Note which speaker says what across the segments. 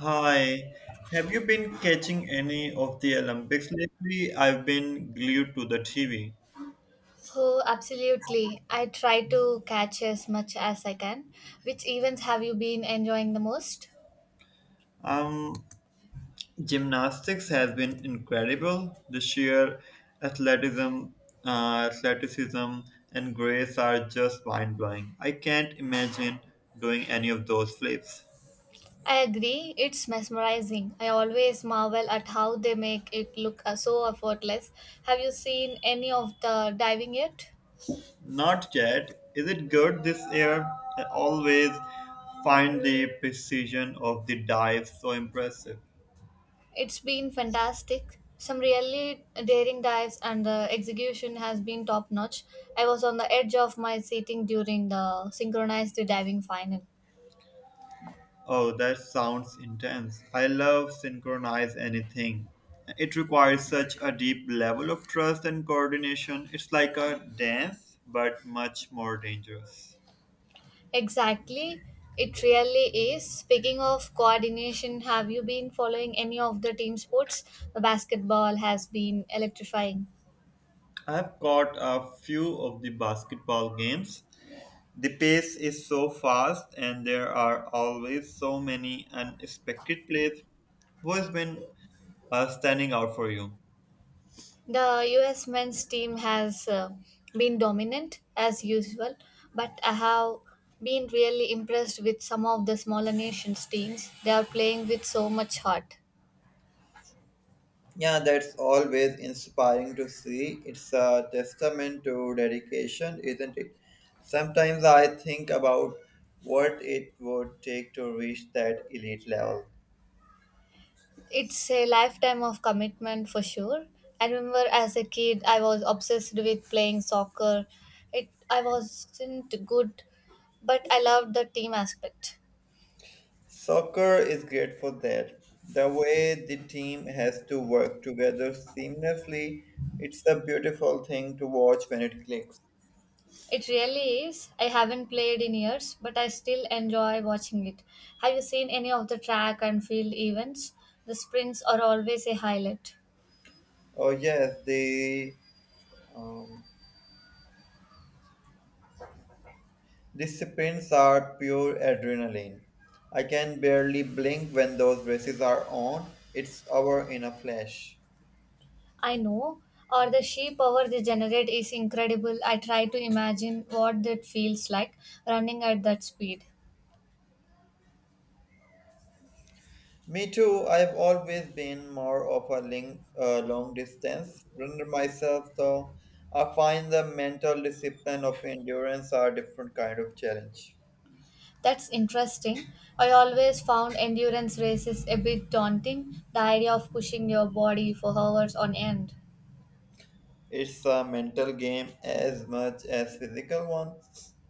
Speaker 1: Hi, have you been catching any of the Olympics lately? I've been glued to the TV.
Speaker 2: Oh, absolutely. I try to catch as much as I can. Which events have you been enjoying the most?
Speaker 1: Um, Gymnastics has been incredible. The sheer athleticism, athleticism and grace are just mind-blowing. I can't imagine doing any of those flips.
Speaker 2: I agree, it's mesmerizing. I always marvel at how they make it look so effortless. Have you seen any of the diving yet?
Speaker 1: Not yet. Is it good this year? I always find the precision of the dive so impressive.
Speaker 2: It's been fantastic. Some really daring dives and the execution has been top notch. I was on the edge of my seating during the synchronized diving final.
Speaker 1: Oh, that sounds intense. I love synchronize anything. It requires such a deep level of trust and coordination. It's like a dance, but much more dangerous.
Speaker 2: Exactly. It really is. Speaking of coordination, have you been following any of the team sports? The basketball has been electrifying.
Speaker 1: I've caught a few of the basketball games. The pace is so fast, and there are always so many unexpected plays. Who's been standing out for you?
Speaker 2: The US men's team has been dominant as usual, but I have been really impressed with some of the smaller nations teams. They are playing with so much heart.
Speaker 1: Yeah, that's always inspiring to see. It's a testament to dedication, isn't it? Sometimes I think about what it would take to reach that elite level.
Speaker 2: It's a lifetime of commitment for sure. I remember as a kid, I was obsessed with playing soccer. It I wasn't good, but I loved the team aspect.
Speaker 1: Soccer is great for that. The way the team has to work together seamlessly, it's a beautiful thing to watch when it clicks.
Speaker 2: It really is. I haven't played in years, but I still enjoy watching it. Have you seen any of the track and field events? The sprints are always a highlight.
Speaker 1: Oh, yes, the um, these sprints are pure adrenaline. I can barely blink when those races are on. It's over in a flash.
Speaker 2: I know, or the sheer power they generate is incredible. I try to imagine what that feels like running at that speed.
Speaker 1: Me too, I've always been more of a long distance runner myself, so I find the mental discipline of endurance are a different kind of challenge.
Speaker 2: That's interesting. I always found endurance races a bit daunting, the idea of pushing your body for hours on end.
Speaker 1: It's a mental game as much as physical one.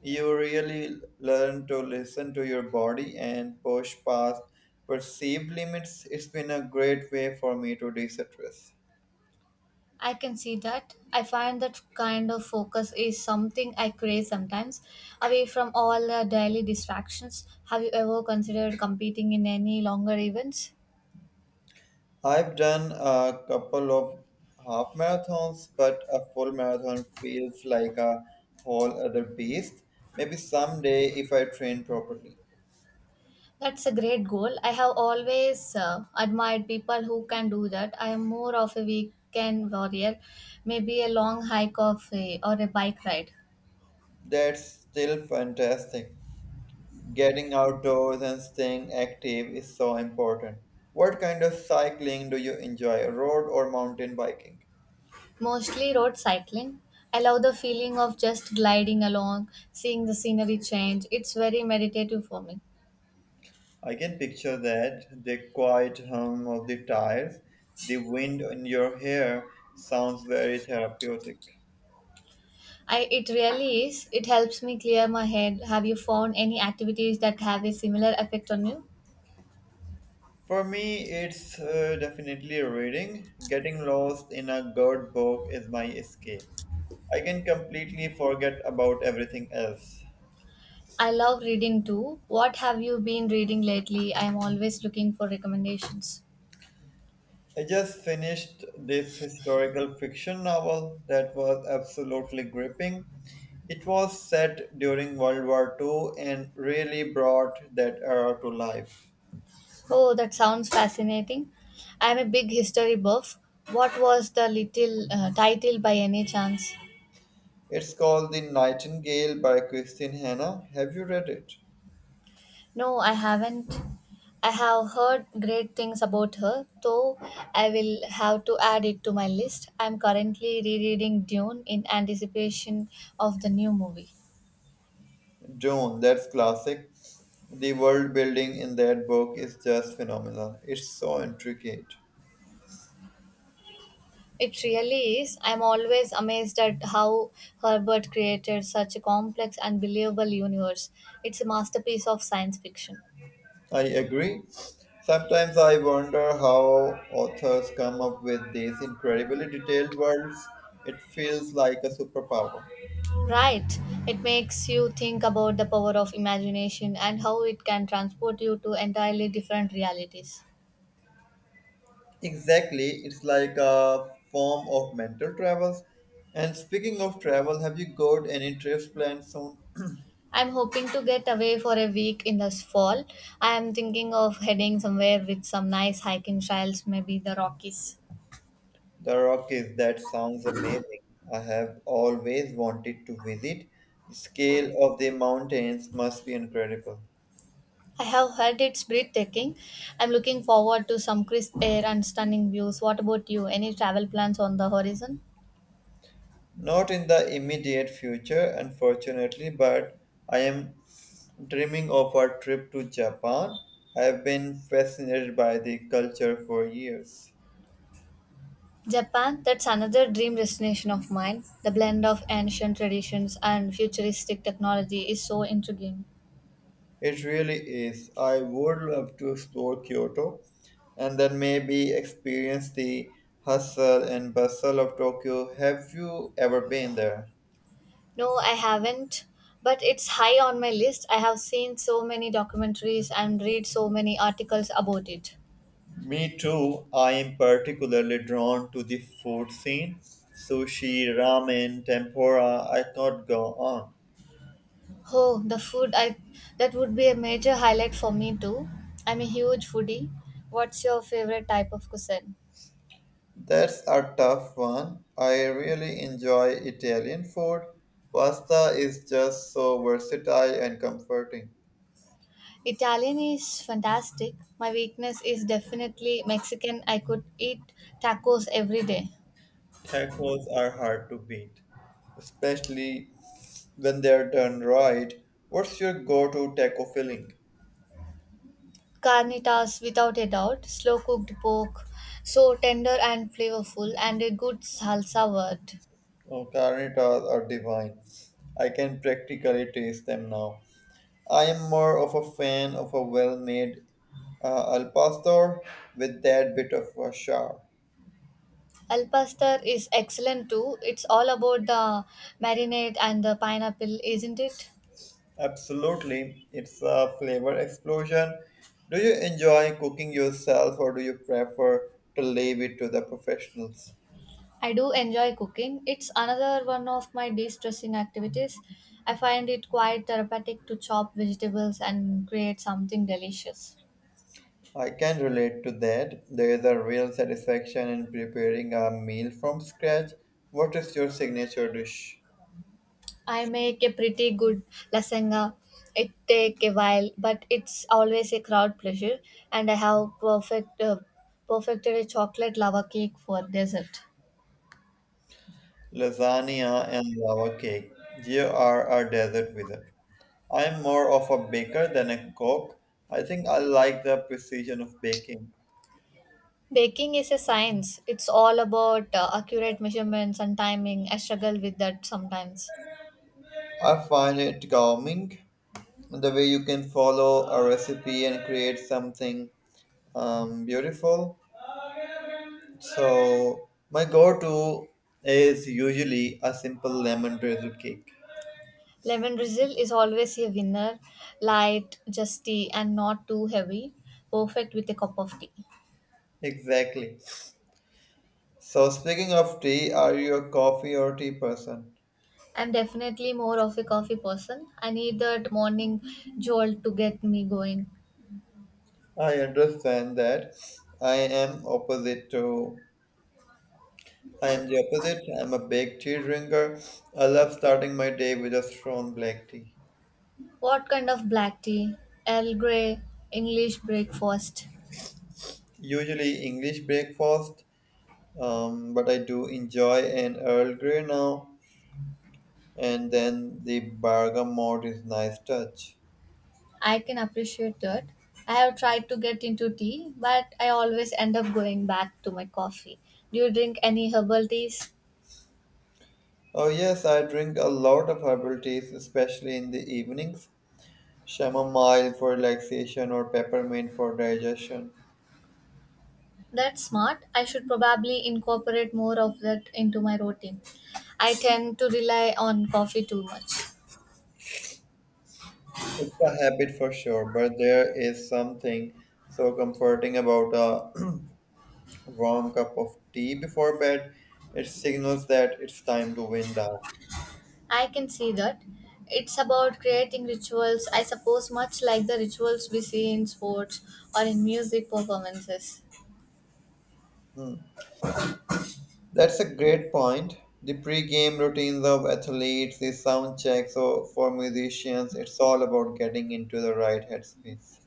Speaker 1: You really learn to listen to your body and push past perceived limits. It's been a great way for me to de-stress.
Speaker 2: I can see that. I find that kind of focus is something I crave sometimes, away from all the daily distractions. Have you ever considered competing in any longer events?
Speaker 1: I've done a couple of half marathons, but a full marathon feels like a whole other beast. Maybe someday if I train properly.
Speaker 2: That's a great goal. I have always admired people who can do that. I am more of a weekend warrior, maybe a long or a bike ride.
Speaker 1: That's still fantastic. Getting outdoors and staying active is so important. What kind of cycling do you enjoy, road or mountain biking?
Speaker 2: Mostly road cycling. I love the feeling of just gliding along, seeing the scenery change. It's very meditative for me.
Speaker 1: I can picture that the quiet hum of the tires, the wind in your hair sounds very therapeutic.
Speaker 2: I It really is. It helps me clear my head. Have you found any activities that have a similar effect on you?
Speaker 1: For me, it's definitely reading. Getting lost in a good book is my escape. I can completely forget about everything else.
Speaker 2: I love reading too. What have you been reading lately? I am always looking for recommendations.
Speaker 1: I just finished this historical fiction novel that was absolutely gripping. It was set during World War Two and really brought that era to life.
Speaker 2: Oh, that sounds fascinating. I am a big history buff. What was the little title by any chance?
Speaker 1: It's called The Nightingale by Christine Hanna. Have you read it?
Speaker 2: No, I haven't. I have heard great things about her, though I will have to add it to my list. I'm currently rereading Dune in anticipation of the new movie.
Speaker 1: Joan, that's classic. The world building in that book is just phenomenal. It's so intricate.
Speaker 2: It really is. I'm always amazed at how Herbert created such a complex and believable universe. It's a masterpiece of science fiction.
Speaker 1: I agree. Sometimes I wonder how authors come up with these incredibly detailed worlds. It feels like a superpower.
Speaker 2: Right. It makes you think about the power of imagination and how it can transport you to entirely different realities.
Speaker 1: Exactly, it's like a form of mental travels. And speaking of travel, have you got any trips planned soon?
Speaker 2: I'm hoping to get away for a week in this fall. I am thinking of heading somewhere with some nice hiking trails, maybe the Rockies.
Speaker 1: The Rockies, that sounds amazing. I have always wanted to visit. The scale of the mountains must be incredible.
Speaker 2: I have heard it's breathtaking. I'm looking forward to some crisp air and stunning views. What about you? Any travel plans on the horizon?
Speaker 1: Not in the immediate future, unfortunately, but I am dreaming of a trip to Japan. I've been fascinated by the culture for years.
Speaker 2: Japan, that's another dream destination of mine. The blend of ancient traditions and futuristic technology is so intriguing.
Speaker 1: It really is. I would love to explore Kyoto and then maybe experience the hustle and bustle of Tokyo. Have you ever been there?
Speaker 2: No, I haven't, but it's high on my list. I have seen so many documentaries and read so many articles about it.
Speaker 1: Me too. I am particularly drawn to the food scene. Sushi, ramen, tempura, I could go on.
Speaker 2: Oh, the food I that would be a major highlight for me too. I'm a huge foodie. What's your favorite type of cuisine?
Speaker 1: That's a tough one. I really enjoy Italian food. Pasta is just so versatile and comforting.
Speaker 2: Italian is fantastic. My weakness is definitely Mexican. I could eat tacos every day.
Speaker 1: Tacos are hard to beat, especially when they're done right. What's your go-to taco filling?
Speaker 2: Carnitas without a doubt, slow cooked pork, so tender and flavorful and a good salsa word.
Speaker 1: Oh, carnitas are divine. I can practically taste them now. I am more of a fan of a well-made al pastor with that bit of a char.
Speaker 2: Al pastor is excellent too. It's all about the marinade and the pineapple, isn't it?
Speaker 1: Absolutely, it's a flavor explosion. Do you enjoy cooking yourself or do you prefer to leave it to the professionals?
Speaker 2: I do enjoy cooking. It's another one of my de-stressing activities. I find it quite therapeutic to chop vegetables and create something delicious.
Speaker 1: I can relate to that. There is a real satisfaction in preparing a meal from scratch. What is your signature dish?
Speaker 2: I make a pretty good lasagna. It take a while, but it's always a crowd pleasure. And I have perfected a chocolate lava cake for dessert.
Speaker 1: Lasagna and lava cake. You are a desert wizard. I am more of a baker than a cook. I think I like the precision of baking.
Speaker 2: Baking is a science. It's all about accurate measurements and timing. I struggle with that sometimes.
Speaker 1: I find it calming the way you can follow a recipe and create something beautiful. So, my go to is usually a simple lemon drizzle cake.
Speaker 2: Lemon drizzle is always a winner. Light, just tea, and not too heavy. Perfect with a cup of tea.
Speaker 1: Exactly. So, speaking of tea, are you a coffee or tea person?
Speaker 2: I'm definitely more of a coffee person. I need that morning jolt to get me going.
Speaker 1: I understand that. I am opposite to. I am the opposite. I'm a big tea drinker. I love starting my day with a strong black tea.
Speaker 2: What kind of black tea? Earl Grey, English breakfast.
Speaker 1: Usually English breakfast. But I do enjoy an Earl Grey now, and then the bergamot is nice touch.
Speaker 2: I can appreciate that. I have tried to get into tea, but I always end up going back to my coffee. Do you drink any herbal teas?
Speaker 1: Oh yes, I drink a lot of herbal teas, especially in the evenings. Chamomile for relaxation or peppermint for digestion.
Speaker 2: That's smart. I should probably incorporate more of that into my routine. I tend to rely on coffee too much.
Speaker 1: It's a habit for sure, but there is something so comforting about a warm cup of tea before bed. It signals that it's time to wind down.
Speaker 2: I can see that. It's about creating rituals, I suppose, much like the rituals we see in sports or in music performances.
Speaker 1: Hmm. That's a great point. The pre-game routines of athletes, the sound checks so for musicians, it's all about getting into the right headspace.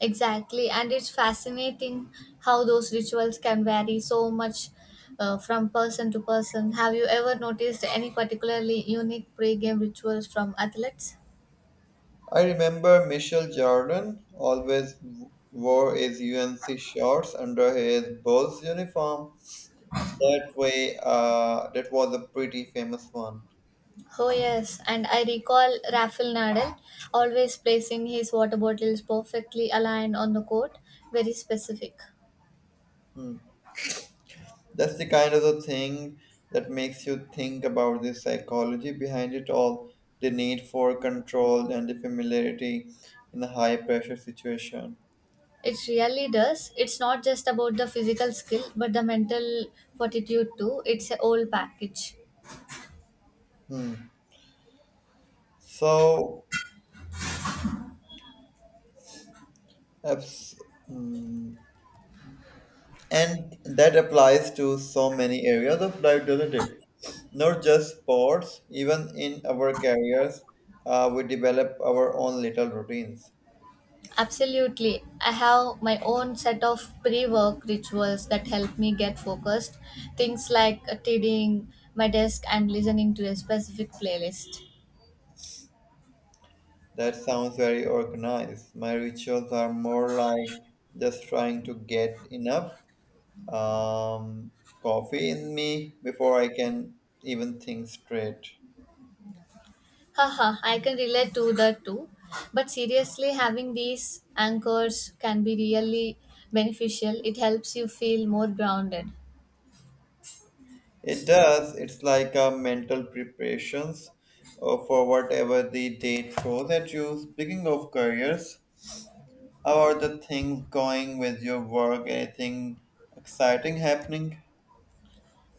Speaker 2: Exactly, and it's fascinating how those rituals can vary so much from person to person. Have you ever noticed any particularly unique pre-game rituals from athletes?
Speaker 1: I remember Michael Jordan always wore his UNC shorts under his Bulls uniform. That way, that was a pretty famous one.
Speaker 2: Oh yes, and I recall Rafael Nadal always placing his water bottles perfectly aligned on the court, very specific.
Speaker 1: Hmm. That's the kind of the thing that makes you think about the psychology behind it all, the need for control and the familiarity in a high pressure situation.
Speaker 2: It really does. It's not just about the physical skill, but the mental fortitude too. It's a whole package.
Speaker 1: Hmm. So, abs- mm, and that applies to so many areas of life, doesn't it? Not just sports, even in our careers, we develop our own little routines.
Speaker 2: Absolutely. I have my own set of pre work rituals that help me get focused. Things like tidying my desk and listening to a specific playlist.
Speaker 1: That sounds very organized. My rituals are more like just trying to get enough um, coffee in me before I can even think straight.
Speaker 2: Haha, I can relate to that too. But seriously, having these anchors can be really beneficial. It helps you feel more grounded.
Speaker 1: It does. It's like a mental preparations for whatever the day throws at you. Speaking of careers, how are the things going with your work? Anything exciting happening?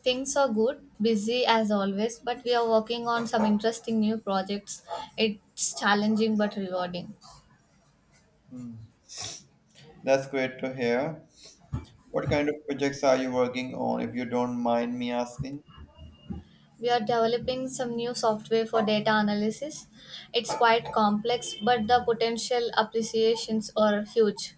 Speaker 2: Things are good, busy as always, but we are working on some interesting new projects. It's challenging but rewarding.
Speaker 1: Hmm, that's great to hear. What kind of projects are you working on, if you don't mind me asking?
Speaker 2: We are developing some new software for data analysis. It's quite complex, but the potential appreciations are huge.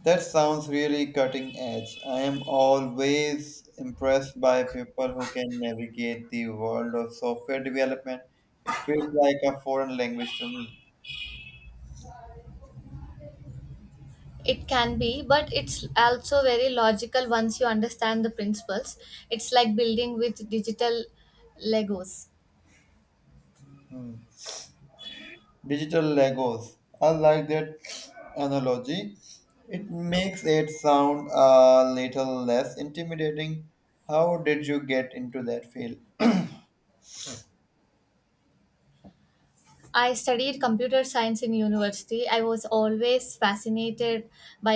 Speaker 1: That sounds really cutting edge. I am always impressed by people who can navigate the world of software development. It feels like a foreign language to me.
Speaker 2: It can be, but it's also very logical once you understand the principles. It's like building with digital Legos.
Speaker 1: Digital Legos. I like that analogy. It makes it sound a little less intimidating. How did you get into that field?
Speaker 2: I studied computer science in university. I was always fascinated by